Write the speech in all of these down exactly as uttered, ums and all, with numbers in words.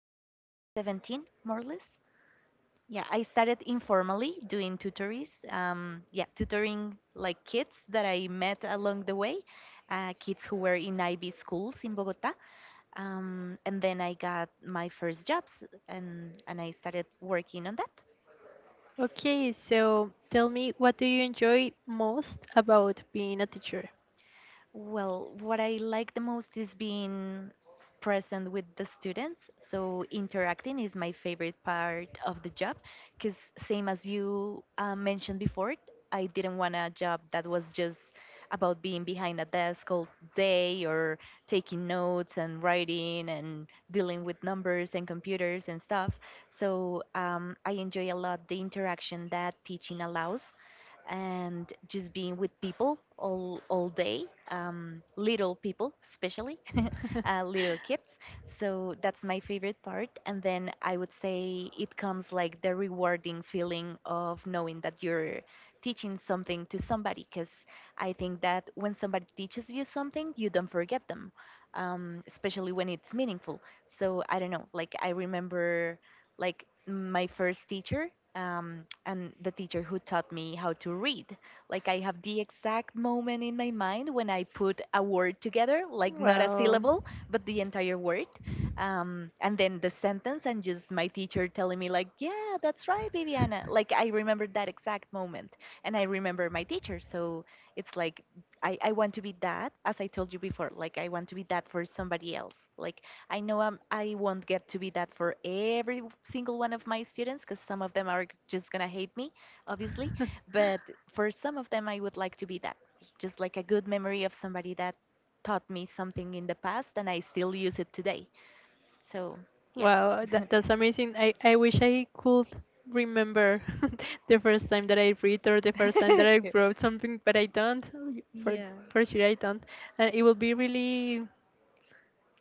twenty seventeen, more or less. Yeah, I started informally doing tutories. Um, yeah, tutoring like kids that I met along the way, uh, kids who were in I B schools in Bogota. Um, and then I got my first jobs and, and I started working on that. Okay, so tell me, what do you enjoy most about being a teacher? Well, what I like the most is being present with the students. So interacting is my favorite part of the job because same as you uh, mentioned before, I didn't want a job that was just about being behind a desk all day or taking notes and writing and dealing with numbers and computers and stuff. So um, I enjoy a lot the interaction that teaching allows and just being with people all all day um, little people especially uh, little kids. So that's my favorite part. And then I would say it comes like the rewarding feeling of knowing that you're teaching something to somebody because I think that when somebody teaches you something, you don't forget them, um, especially when it's meaningful. So I don't know, like I remember like my first teacher um, and the teacher who taught me how to read. Like I have the exact moment in my mind when I put a word together, like not a Wow. syllable, but the entire word. Um, and then the sentence, and just my teacher telling me, like, yeah, that's right, Viviana. Like, I remember that exact moment, and I remember my teacher. So it's like, I, I want to be that, as I told you before, like, I want to be that for somebody else. Like, I know I'm, I won't get to be that for every single one of my students, because some of them are just gonna hate me, obviously, but for some of them, I would like to be that just like a good memory of somebody that taught me something in the past and I still use it today. So, yeah. Wow, that, that's amazing. I, I wish I could remember the first time that I read or the first time that I wrote something, but I don't. For Yeah. for sure, I don't. And it will be really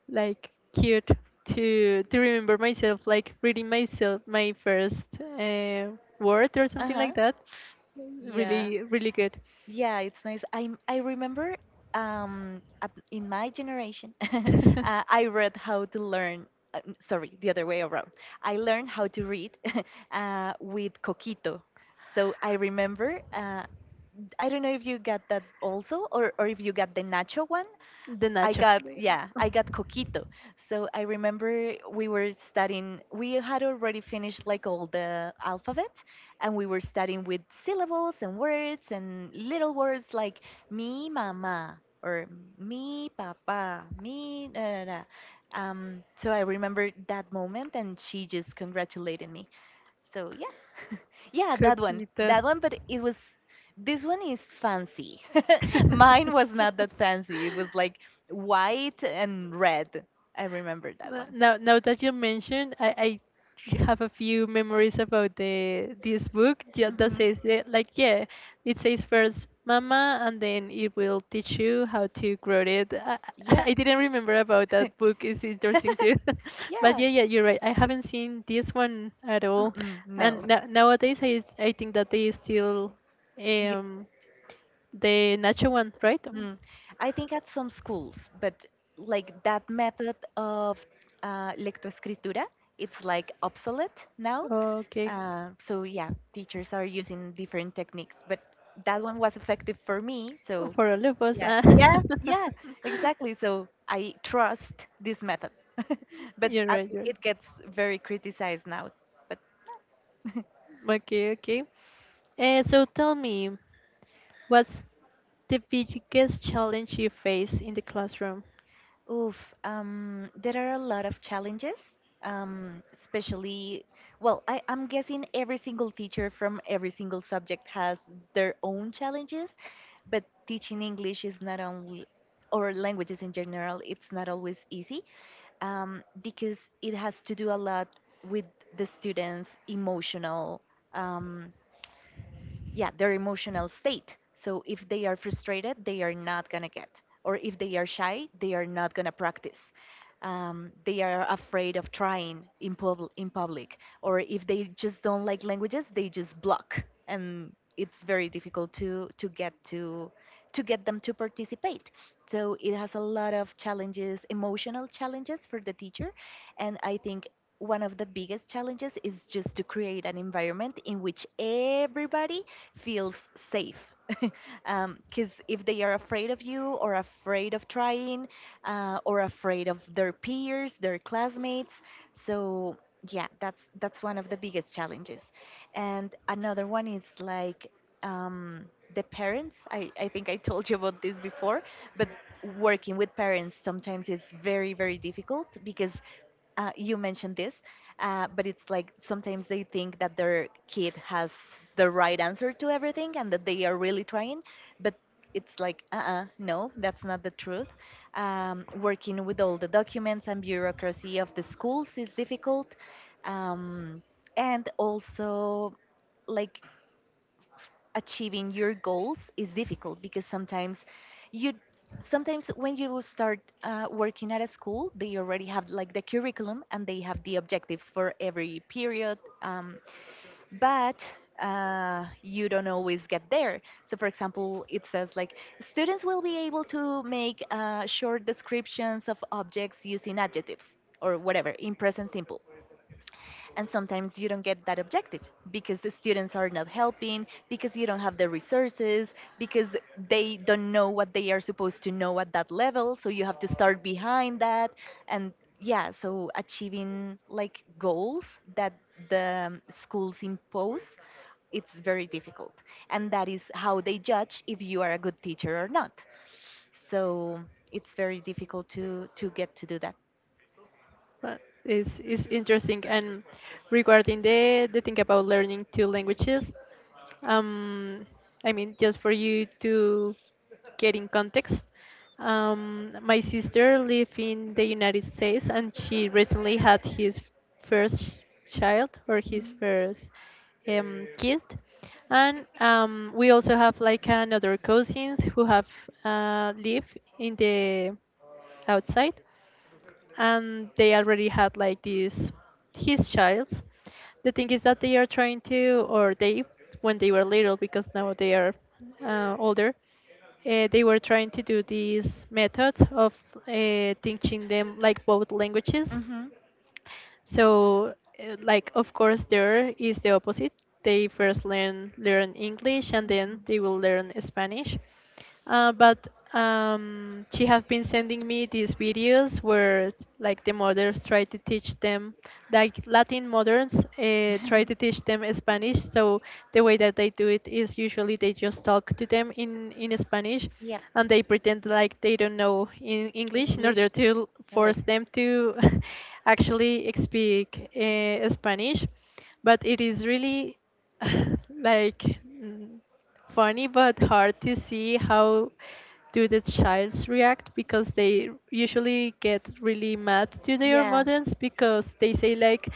like cute to to remember myself, like reading myself my first uh, word or Uh something huh. like that, Yeah. really really good. Yeah, it's nice. I I remember um at, in my generation, uh, I read how to learn. Uh, n- sorry, the other way around. I learned how to read uh, with Coquito. So I remember uh, I don't know if you got that also, or or if you got the nacho one. I Деначок. got yeah, I got coquito. So I remember we were studying. We had already finished like all the alphabet, and we were studying with syllables and words and little words like mi mama or mi papa, mi da da da. Um, so I remember that moment, and she just congratulated me. So yeah, yeah, that one, Какие-то. that one. But it was this one is fancy. Mine was not that fancy. It was like white and red. I remember that Uh, one. Now, now that you mentioned, I, I have a few memories about the this book, yeah, that Mhm. says that, like yeah, it says first mama and then it will teach you how to grow it. I, I Yeah. I didn't remember about that book. It's interesting too, but Yeah. yeah, yeah, you're right. I haven't seen this one at all, Mm-mm, no. and na nowadays I I think that they still, Yeah. um the nacho one, right? Mm. I think at some schools, but like that method of uh, lectoescritura, it's like obsolete now. Okay. Uh, so yeah, teachers are using different techniques, but that one was effective for me. So For all of us. Yeah, ah. yeah, yeah, exactly. So I trust this method, but You're uh, right, you're right. it gets very criticized now. But Okay, okay. Uh, so tell me, what's the biggest challenge you face in the classroom? Oof, um, there are a lot of challenges, um, especially, well, I, I'm guessing every single teacher from every single subject has their own challenges, but teaching English is not only, or languages in general, it's not always easy um, because it has to do a lot with the students' emotional um, yeah, their emotional state. So if they are frustrated they are not going to get, or if they are shy they are not going to practice, um, they are afraid of trying in, pub- in public, or if they just don't like languages they just block, and it's very difficult to to get to to get them to participate. So it has a lot of challenges, emotional challenges for the teacher. And I think one of the biggest challenges is just to create an environment in which everybody feels safe. Because if they are afraid of you, or afraid of trying, uh, or afraid of their peers, their classmates, so yeah, that's that's one of the biggest challenges. And another one is like um, the parents. I, I think I told you about this before, but working with parents sometimes is very very difficult because uh, you mentioned this, uh, but it's like sometimes they think that their kid has the right answer to everything and that they are really trying, but it's like, uh uh no, that's not the truth. Um, working with all the documents and bureaucracy of the schools is difficult. Um, and also, like, achieving your goals is difficult because sometimes you sometimes when you start uh, working at a school they already have like the curriculum and they have the objectives for every period, um, but uh, you don't always get there. So for example it says like students will be able to make uh, short descriptions of objects using adjectives or whatever in present simple, and sometimes you don't get that objective because the students are not helping, because you don't have the resources, because they don't know what they are supposed to know at that level. So you have to start behind that. And yeah, so achieving like goals that the um, schools impose, it's very difficult. And that is how they judge if you are a good teacher or not. So it's very difficult to, to get to do that. But it's, it's interesting. And regarding the, the thing about learning two languages, um, I mean, just for you to get in context, um, my sister lives in the United States and she recently had his first child, or his first um, kid. And um, we also have like another cousins who have uh, live in the outside, and they already had like this his child. The thing is that they are trying to, or they, when they were little, because now they are uh, older, uh, they were trying to do this method of uh, teaching them like both Mm. languages. Mm-hmm. So, uh, like of course, there is the opposite. They first learn learn English and then Mhm. they will learn Spanish. Uh, but um, she have been sending me these videos where like the mothers try to teach them, like Latin mothers uh, try to teach them Spanish. So the way that they do it is usually they just talk to them in in Spanish, Yep. and they pretend like they don't know in English in order English. to Yeah, force like them to actually speak uh, Spanish. But it is really like mm, funny but hard to see how do the childs react, because they usually get really mad to their Yeah. mothers, because they say like,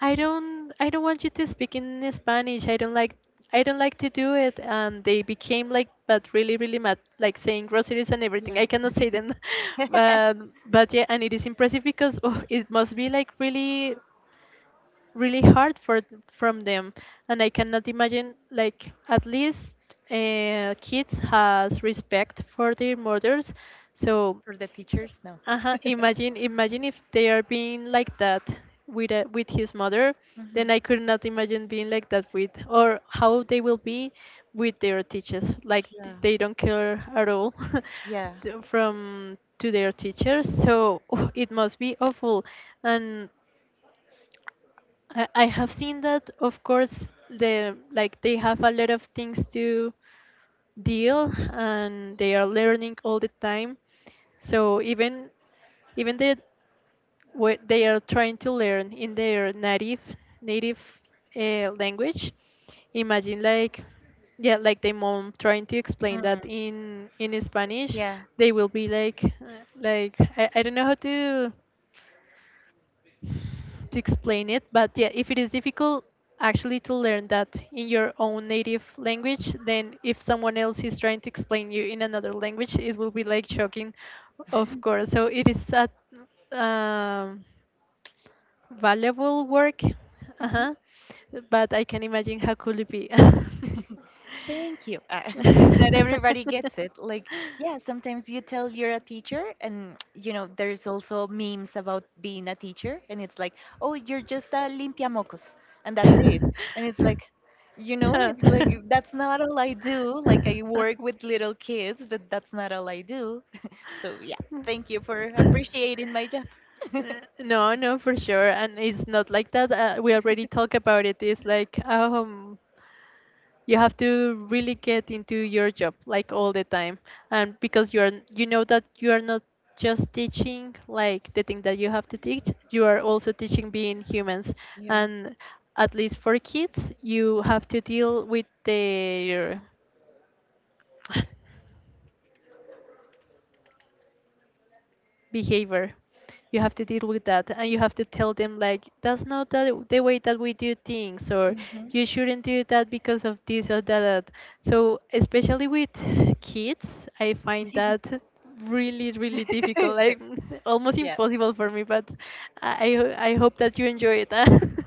i don't i don't want you to speak in spanish, i don't like i don't like to do it, and they became like, but really really mad, like saying groceries and Yeah. everything I cannot say them. but but yeah, and it is impressive because, oh, it must be like really really hard for th- from them. And I cannot imagine, like, at least uh, kids has respect for their mothers, so For the teachers, no. uh-huh, imagine imagine if they are being like that with a, with his mother, then Mhm. I could not imagine being like that with, or how they will be with their teachers, like Yeah. they don't care at all Yeah. to- from to their teachers, so it must be awful. And I, I have seen that, of course, the like they have a lot of things to deal and they are learning all the time. So even even the what they are trying to learn in their native native uh, language, imagine like, yeah, like the mom trying to explain Hmm. that in in Spanish, Yeah. they will be like uh, like I, I don't know how to to explain it. But yeah, if it is difficult actually to learn that in your own native language, then if someone else is trying to explain you in another language, it will be like shocking, of course. So it is a um, valuable work, Hmm. uh-huh. But I can imagine how could it be. Thank you. Uh, not everybody gets it. Like, yeah, sometimes you tell you're a teacher, and you know, there's also memes about being a teacher, and it's like, oh, you're just a limpiamocos, and that's it. And it's like, you know, Huh. it's like that's not all I do. Like, I work with little kids, but that's not all I do. So, yeah, thank you for appreciating my job. Uh, No, no, for sure. And it's not like that. Uh, we already talked about it. It's like, um, you have to really get into your job like all the time. And because you are, you know that you are not just teaching like the thing that you have to teach. You are also teaching being humans. And at least for kids, you have to deal with their behavior. You have to deal with that, and you have to tell them, like, that's not the, the way that we do things, or Mhm. you shouldn't do that because of this or that. So especially with kids, I find that really really difficult, like almost impossible for me. But i i I hope that you enjoy it.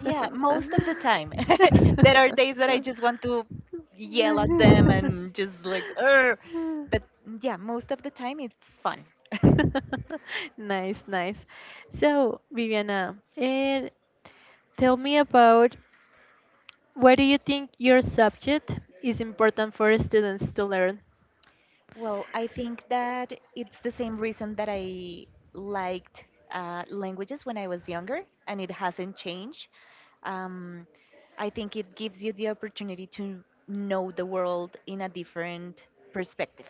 Yeah, most of the time. There are days that I just want to yell at them and just like, Ur! But yeah, most of the time it's fun. Nice, nice. So, Viviana, and tell me about, why do you think your subject is important for students to learn? Well, I think that it's the same reason that I liked uh, languages when I was younger, and it hasn't changed. Um, I think it gives you the opportunity to know the world in a different perspective.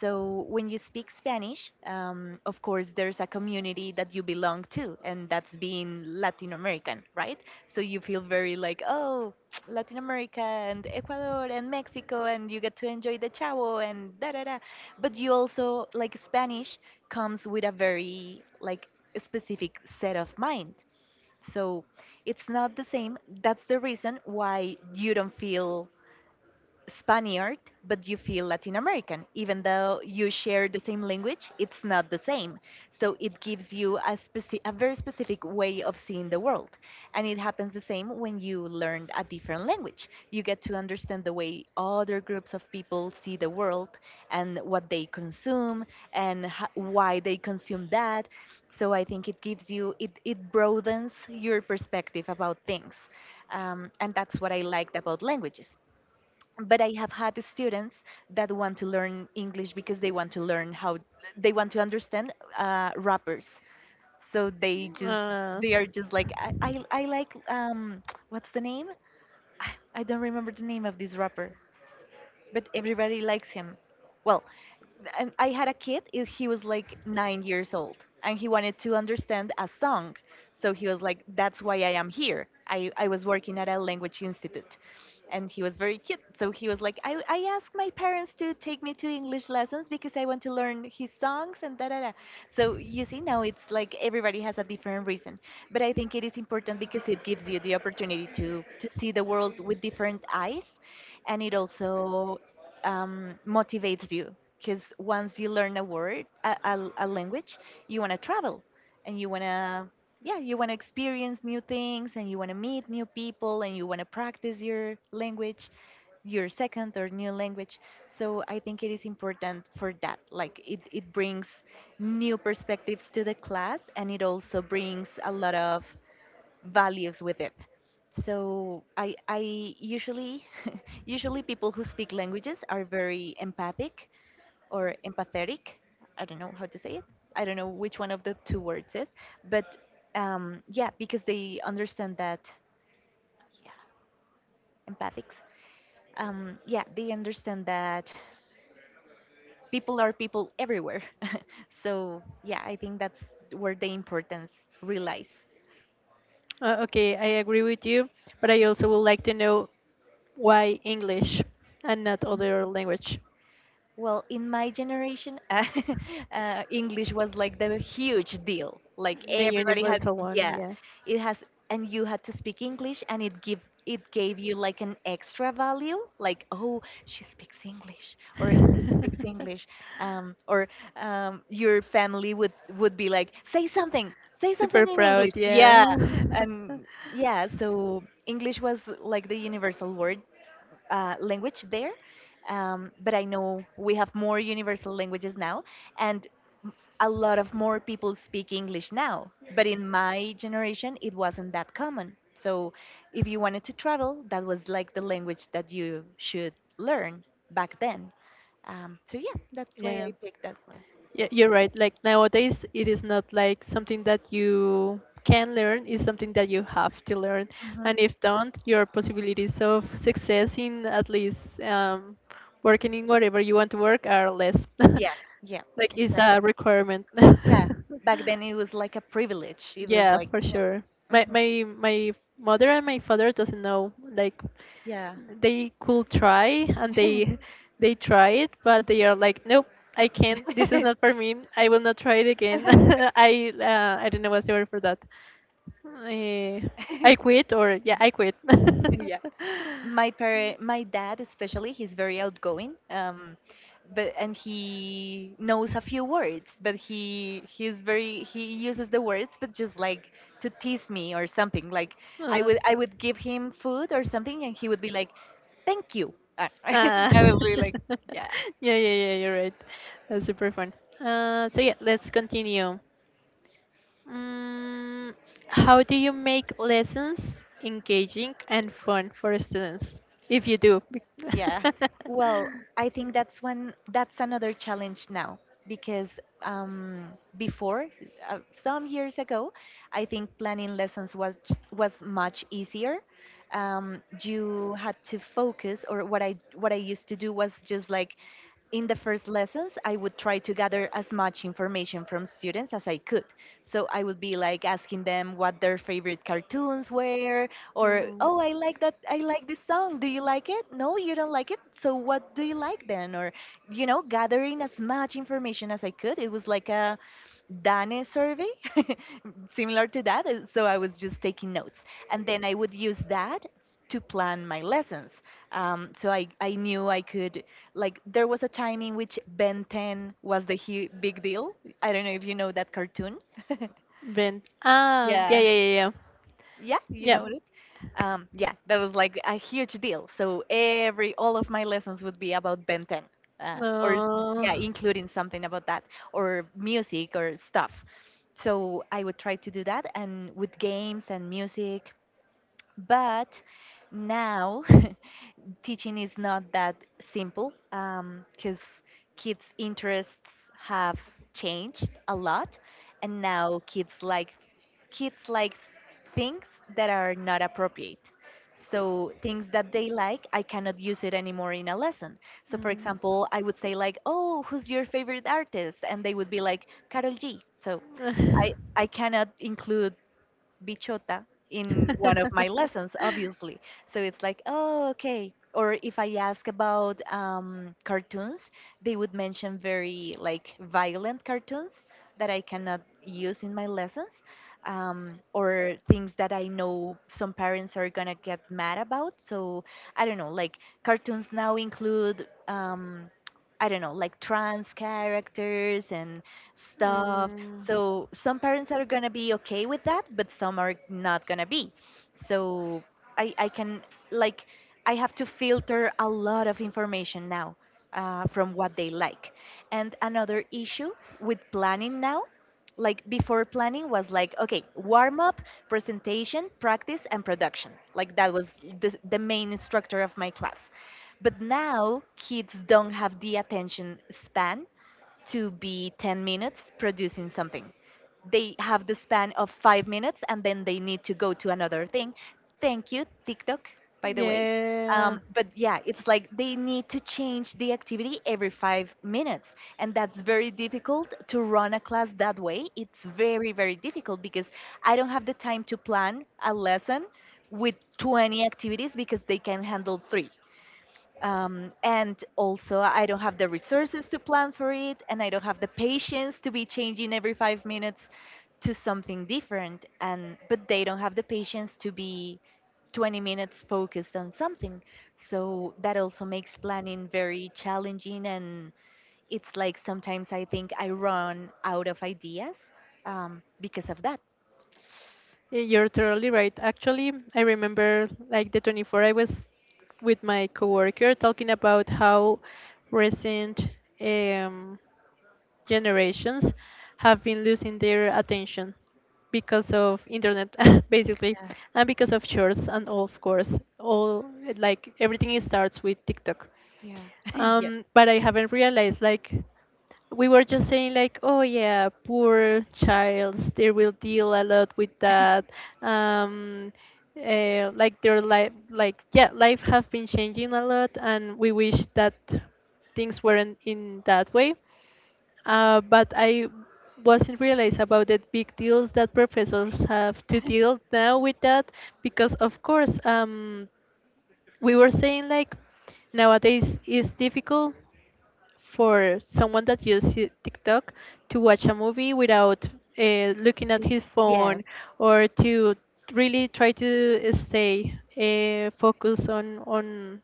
So when you speak Spanish, um, of course, there's a community that you belong to, and that's being Latin American, right? So you feel very like, oh, Latin America and Ecuador and Mexico, and you get to enjoy the chavo and da da da. But you also like Spanish comes with a very like specific set of mind. So it's not the same. That's the reason why you don't feel Spaniard, but you feel Latin American. Even though you share the same language, it's not the same. So it gives you a, speci- a very specific way of seeing the world. And it happens the same when you learn a different language. You get to understand the way other groups of people see the world and what they consume and ho- why they consume that. So I think it gives you, it, it broadens your perspective about things. Um, and that's what I liked about languages, but I have had students that want to learn English because they want to learn how they want to understand uh, rappers. So they just Uh, they are just like, i i, I like, um what's the name I I don't remember the name of this rapper, but everybody likes him. Well, and I had a kid, i- he was like nine years old, and he wanted to understand a song. So he was like, that's why I am here. I, I was working at a language institute. And he was very cute. So he was like, I, I asked my parents to take me to English lessons because I want to learn his songs and da da da. So you see, now it's like everybody has a different reason. But I think it is important because it gives you the opportunity to, to see the world with different eyes, and it also um, motivates you because once you learn a word, a, a, a language, you want to travel and you want to, yeah, you want to experience new things, and you want to meet new people, and you want to practice your language, your second or new language. So I think it is important for that. Like it, it brings new perspectives to the class, and it also brings a lot of values with it. So I I usually usually people who speak languages are very empathic or empathetic. I don't know how to say it. I don't know which one of the two words is, but um, yeah, because they understand that, yeah, empathics. Um, yeah, they understand that people are people everywhere. So yeah, I think that's where the importance relies. uh, okay, I agree with you, but I also would like to know why English and not other language. Well, in my generation, uh, uh, English was like the huge deal. Like The everybody had, universal one, yeah, yeah. it has, and you had to speak English, and it give it gave you like an extra value. Like, oh, she speaks English, or he speaks English, um, or um, your family would would be like, say something, say something Super in English. proud, yeah. Yeah, and yeah, so English was like the universal word, uh, language there. Um, but I know we have more universal languages now, and m- a lot of more people speak English now. But in my generation, it wasn't that common. So if you wanted to travel, that was like the language that you should learn back then. Um, so yeah, that's why Yeah. I picked that one. Yeah, you're right. Like nowadays, it is not like something that you can learn, it's something that you have to learn. Mhm. And if don't, your possibilities of success in, at least, um, working in whatever you want to work are less. Yeah, yeah, Like it's exactly. a requirement. Yeah, back then it was like a privilege. It was Yeah, like, for yeah. sure. My Mhm. my my mother and my father doesn't know. Like Yeah. they could try, and they they try it, but they are like, nope, I can't. This is not for me. I will not try it again. I uh, I don't know what's the word for that. Uh, I quit, or yeah, I quit. Yeah, my parent my dad especially, he's very outgoing, um but, and he knows a few words, but he he's very, he uses the words but just like to tease me or something. Like I Uh, would, I would give him food or something, and he would be like thank you. Uh, Uh, I would be like yeah. yeah, yeah, yeah, you're right. That's super fun. Uh, so yeah, let's continue. Mm, how do you make lessons engaging and fun for students? If you do. Yeah. bec- Well, I think that's when, that's another challenge now because um, before, uh, some years ago, I think planning lessons was was much easier. Um, you had to focus, or what I, what I used to do was just like, in the first lessons, I would try to gather as much information from students as I could. So I would be like asking them what their favorite cartoons were, or Mm-mm. oh, I like that, I like this song. Do you like it? No, you don't like it. So what do you like then? Or, you know, gathering as much information as I could. It was like a Dane survey, similar to that. uh, So I was just taking notes. And then I would use that to plan my lessons. Um, so I, I knew I could, like, there was a time in which Ben ten was the hu big deal. I don't know if you know that cartoon. Vent. Ah, yeah, yeah, Yeah. yeah, yeah. Yeah, you Yeah. know it. Um, yeah, that was like a huge deal. So every, all of my lessons would be about Ben ten, uh, or Uh, yeah, including something about that, or music or stuff. So I would try to do that, and with games and music. But now, teaching is not that simple because kids' interests have changed a lot, and now kids like, kids like things that are not appropriate. So things that they like, I cannot use it anymore in a lesson. So for Mm. example, I would say like, "Oh, who's your favorite artist?" and they would be like, "Carol G." So I Ugh. I cannot include bichota in one of my lessons, obviously. So it's like, oh, okay. Or if I ask about um, cartoons, they would mention very like violent cartoons that I cannot use in my lessons, um, or things that I know some parents are gonna get mad about. So I don't know, like cartoons now include. Um, I don't know, like trans characters and stuff. Mm. So some parents are gonna be okay with that, but some are not gonna be. So I I can, like, I have to filter a lot of information now, uh, from what they like. And another issue with planning now, like before, planning was like okay, warm up, presentation, practice, and production. Like that was the, the main instructor of my class. But now kids don't have the attention span to be ten minutes producing something. They have the span of five minutes and then they need to go to another thing. Thank you, TikTok, by the way. Yeah. Um, but yeah, it's like they need to change the activity every five minutes. And that's very difficult to run a class that way. It's very, very difficult because I don't have the time to plan a lesson with twenty activities because they can handle three. Um, and also, I don't have the resources to plan for it, and I don't have the patience to be changing every five minutes to something different. And but they don't have the patience to be twenty minutes focused on something. So that also makes planning very challenging, and it's like sometimes I think I run out of ideas um, because of that. Y- You're totally right. Actually, I remember like the twenty-four I was with my coworker talking about how recent um, generations have been losing their attention because of internet, basically, and because of shorts, and of course all, like everything starts with tiktok, Yeah. Yeah. um, but I haven't realized like, we were just saying like, oh yeah, poor childs, they will deal a lot with that, um uh, like their life, like yeah, life have been changing a lot and we wish that things weren't in that way, uh, but I wasn't realized about the big deals that professors have to Yes. deal now with that, because of course, um, we were saying like, nowadays it's difficult for someone that uses TikTok to watch a movie without uh, looking at Y- his Yes. phone, or to really try to stay uh, focused on on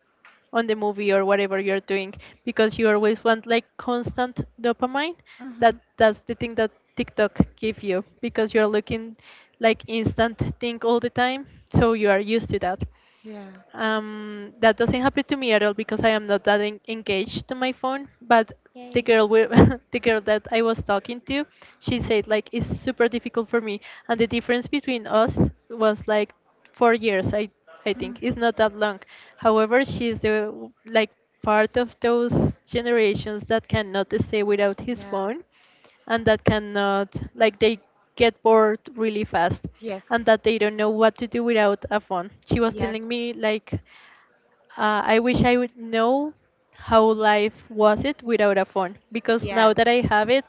on the movie or whatever you're doing, because you always want like constant dopamine. that Hmm. that's the thing that TikTok give you, because you're looking like instant thing all the time, so you are used to that. Yeah. Um, that doesn't happen to me at all because I am not that en- engaged to my phone. But the The. girl with the girl that I was talking to, she said like, it's super difficult for me, and the difference between us was like four years. I I Mm. think it's not that long. However, she's the w- like part of those generations that cannot stay without his Yeah. phone, and that cannot, like, they get bored really fast, Yes. and that they don't know what to do without a phone. She was Yeah. telling me like, uh, I wish I would know how life was it without a phone, because now Yeah. that I have it,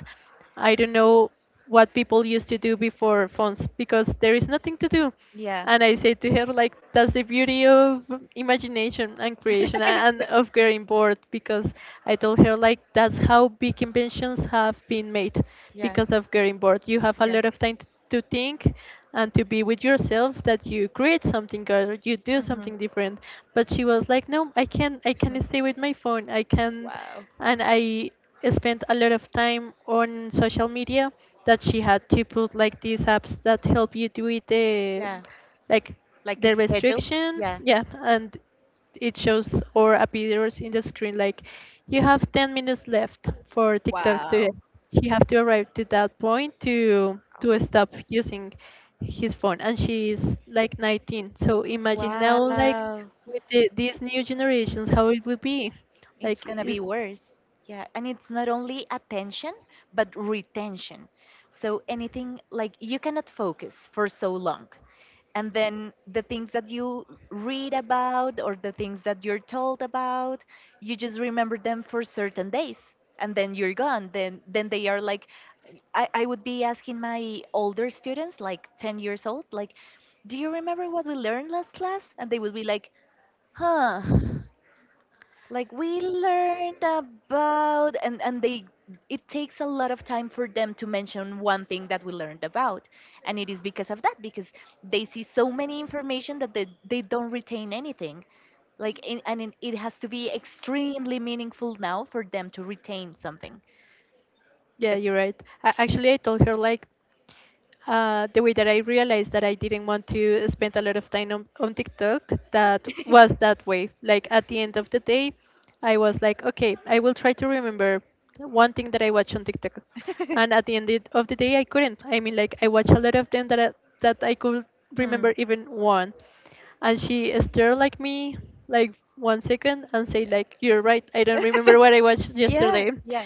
I don't know what people used to do before phones, because there is nothing to do. Yeah. And I say to her like, that's the beauty of imagination and creation a- and of getting bored, because I told her like that's how big inventions have been made, Yeah. because of getting bored. You have a Yeah. lot of time to think and to be with yourself that you create something or you do Mm-hmm. something different. But she was like, no, i can i can stay with my phone. i can Wow. and i spent a lot of time on social media that she had to put like these apps that help you to eat the Yeah. like Like a the schedule? restriction, Yeah. yeah, and it shows or appears in the screen like you have ten minutes left for TikTok to, Wow. she have to arrive to that point to to Oh. stop using his phone. And she's like nineteen, so imagine now like Wow. with the, these new generations how it would be It's like going to be it's, worse. Yeah. And it's not only attention, but retention. So anything, like, you cannot focus for so long, and then the things that you read about or the things that you're told about, you just remember them for certain days and then you're gone. then then they are like, i, I would be asking my older students, like ten years old, like, do you remember what we learned last class? And they would be like, huh. Like, we learned about, and and they, it takes a lot of time for them to mention one thing that we learned about. And it is because of that, because they see so many information that they, they don't retain anything. Like in, and it, it has to be extremely meaningful now for them to retain something. yeah, But you're right. A- actually, I told her like, Uh, the way that I realized that I didn't want to spend a lot of time on, on TikTok, that was that way. Like at the end of the day, I was like, okay, I will try to remember one thing that I watched on TikTok. And at the end it- of the day, I couldn't. I mean, like I watched a lot of them that I, that I could Mm. remember even one. And she stared like me, like one second, and say Yeah. like, you're right. I don't remember what I watched Yeah, yesterday. yeah.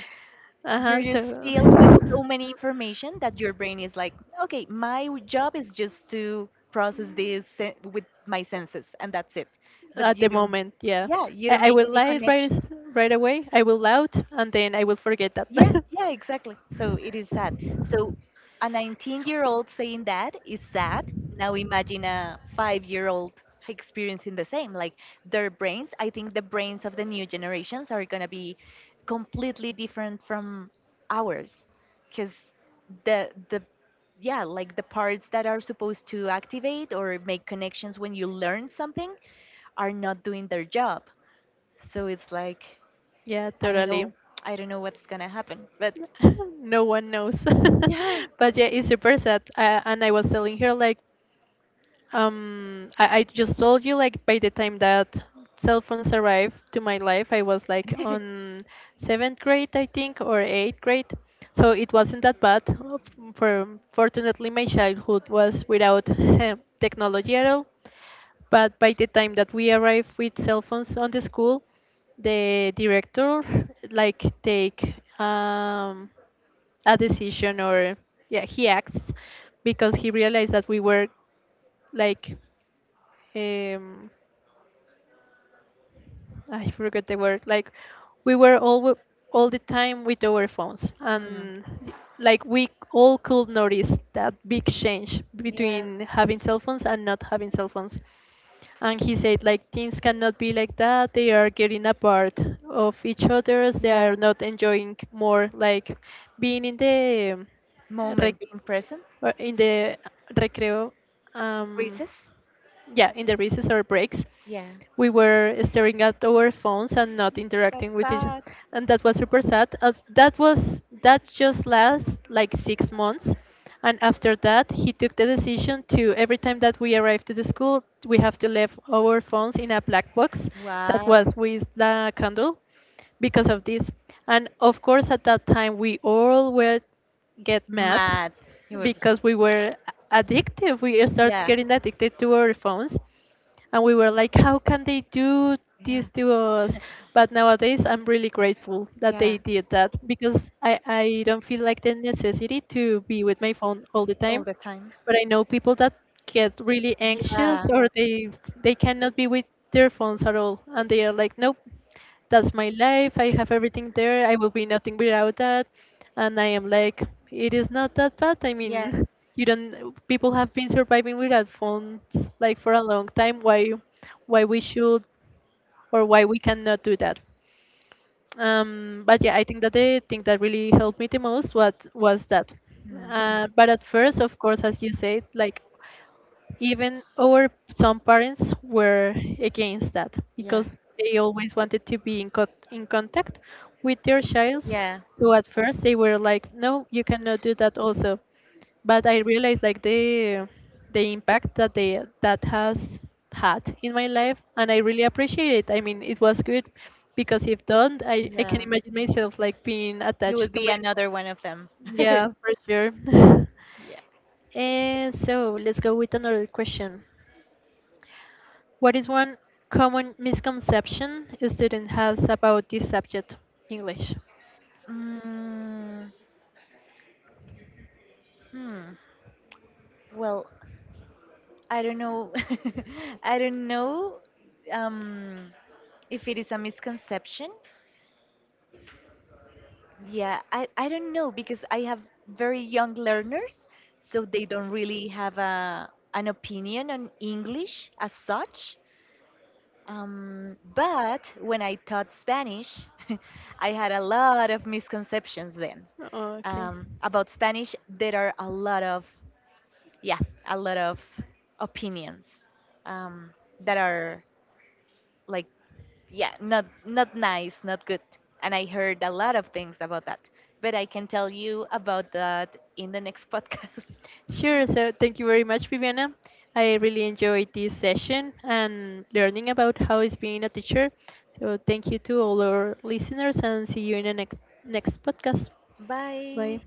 Uh You're huh. just So. filled with so many information that your brain is like, okay, my w- job is just to process this sen- with my senses, and that's it. But At the you don't, moment, yeah. yeah, you i, don't I make will any lie right connection. as- right away, I will loud and then I will forget that. Yeah, yeah, exactly. So it is sad. So a nineteen-year-old saying that is sad. Now imagine a five-year-old experiencing the same. Like, their brains, I think the brains of the new generations are gonna be completely different from ours, because the the yeah, like the parts that are supposed to activate or make connections when you learn something are not doing their job. So it's like, Yeah, I don't totally. know, I don't know what's gonna happen, but. No one knows. Yeah. But yeah, it's super sad. Uh, and I was telling her like, Um, I, I just told you like by the time that cell phones arrived to my life, I was like on seventh grade, I think, or eighth grade. So it wasn't that bad. Uh, f- For fortunately, my childhood was without technology at all. But by the time that we arrived with cell phones on the school, the director like take um, a decision or yeah he acts because he realized that we were like um I forgot the word. Like we were all w- all the time with our phones, Mm. and y- like we all could notice that big change Yeah. between having cell phones and not having cell phones. And he said like, things cannot be like that. They are getting apart of each others. They Yeah. are not enjoying more like being in the um, Moment, rec- being present. uh, in the recreo, um Recess. yeah, in the recess or breaks Yeah. we were staring at our phones and not interacting That's with each other. sad. And that was super sad. As that was, that just lasts like six months, and after that he took the decision to every time that we arrive to the school we have to leave our phones in a black box that Wow. was with the candle, because of this. And of course, at that time we all were get mad Mad. He was like, because we were addictive, we start yeah, getting addicted to our phones. And we were like, how can they do yeah, this to us? But nowadays I'm really grateful that yeah, they did that, because i i don't feel like the necessity to be with my phone all the time. all the time. But I know people that get really anxious, Yeah, or they they cannot be with their phones at all, and they are like, nope, that's my life. I have everything there. I will be nothing without that. And I am like, it is not that bad. I yeah. mean, you don't. People have been surviving without phones like for a long time. Why, why we should, or why we cannot do that? Um, but yeah, I think that the thing that really helped me the most what was that. Mm. Uh, but at first, of course, as you said, like even our some parents were against that Yeah, because they always wanted to be in, co- in contact with their childs. yeah, So at first they were like, no, you cannot do that also. But I realized like the the impact that they that has had in my life, and I really appreciate it. I mean, it was good because if don't, I I can yeah. imagine myself like being You would attached to be my, another one of them. yeah, for sure. Yeah. Eh, so let's go with another question. What is one common misconception a student has about this subject, English? Mm, hmm. Well, I don't know. I don't know. Um, if it is a misconception, yeah, i, I don't know because I have very young learners, so they don't really have a, an opinion on English as such. Um, but when I taught Spanish, I had a lot of misconceptions then. Okay. Um, about Spanish there are a lot of, yeah, a lot of opinions, um, that are, like, yeah, not, not nice, not good. And I heard a lot of things about that. But I can tell you about that in the next podcast. Sure. So thank you very much, Viviana. I really enjoyed this session and learning about how is being a teacher. So thank you to all our listeners and see you in the next next podcast. Bye. Bye.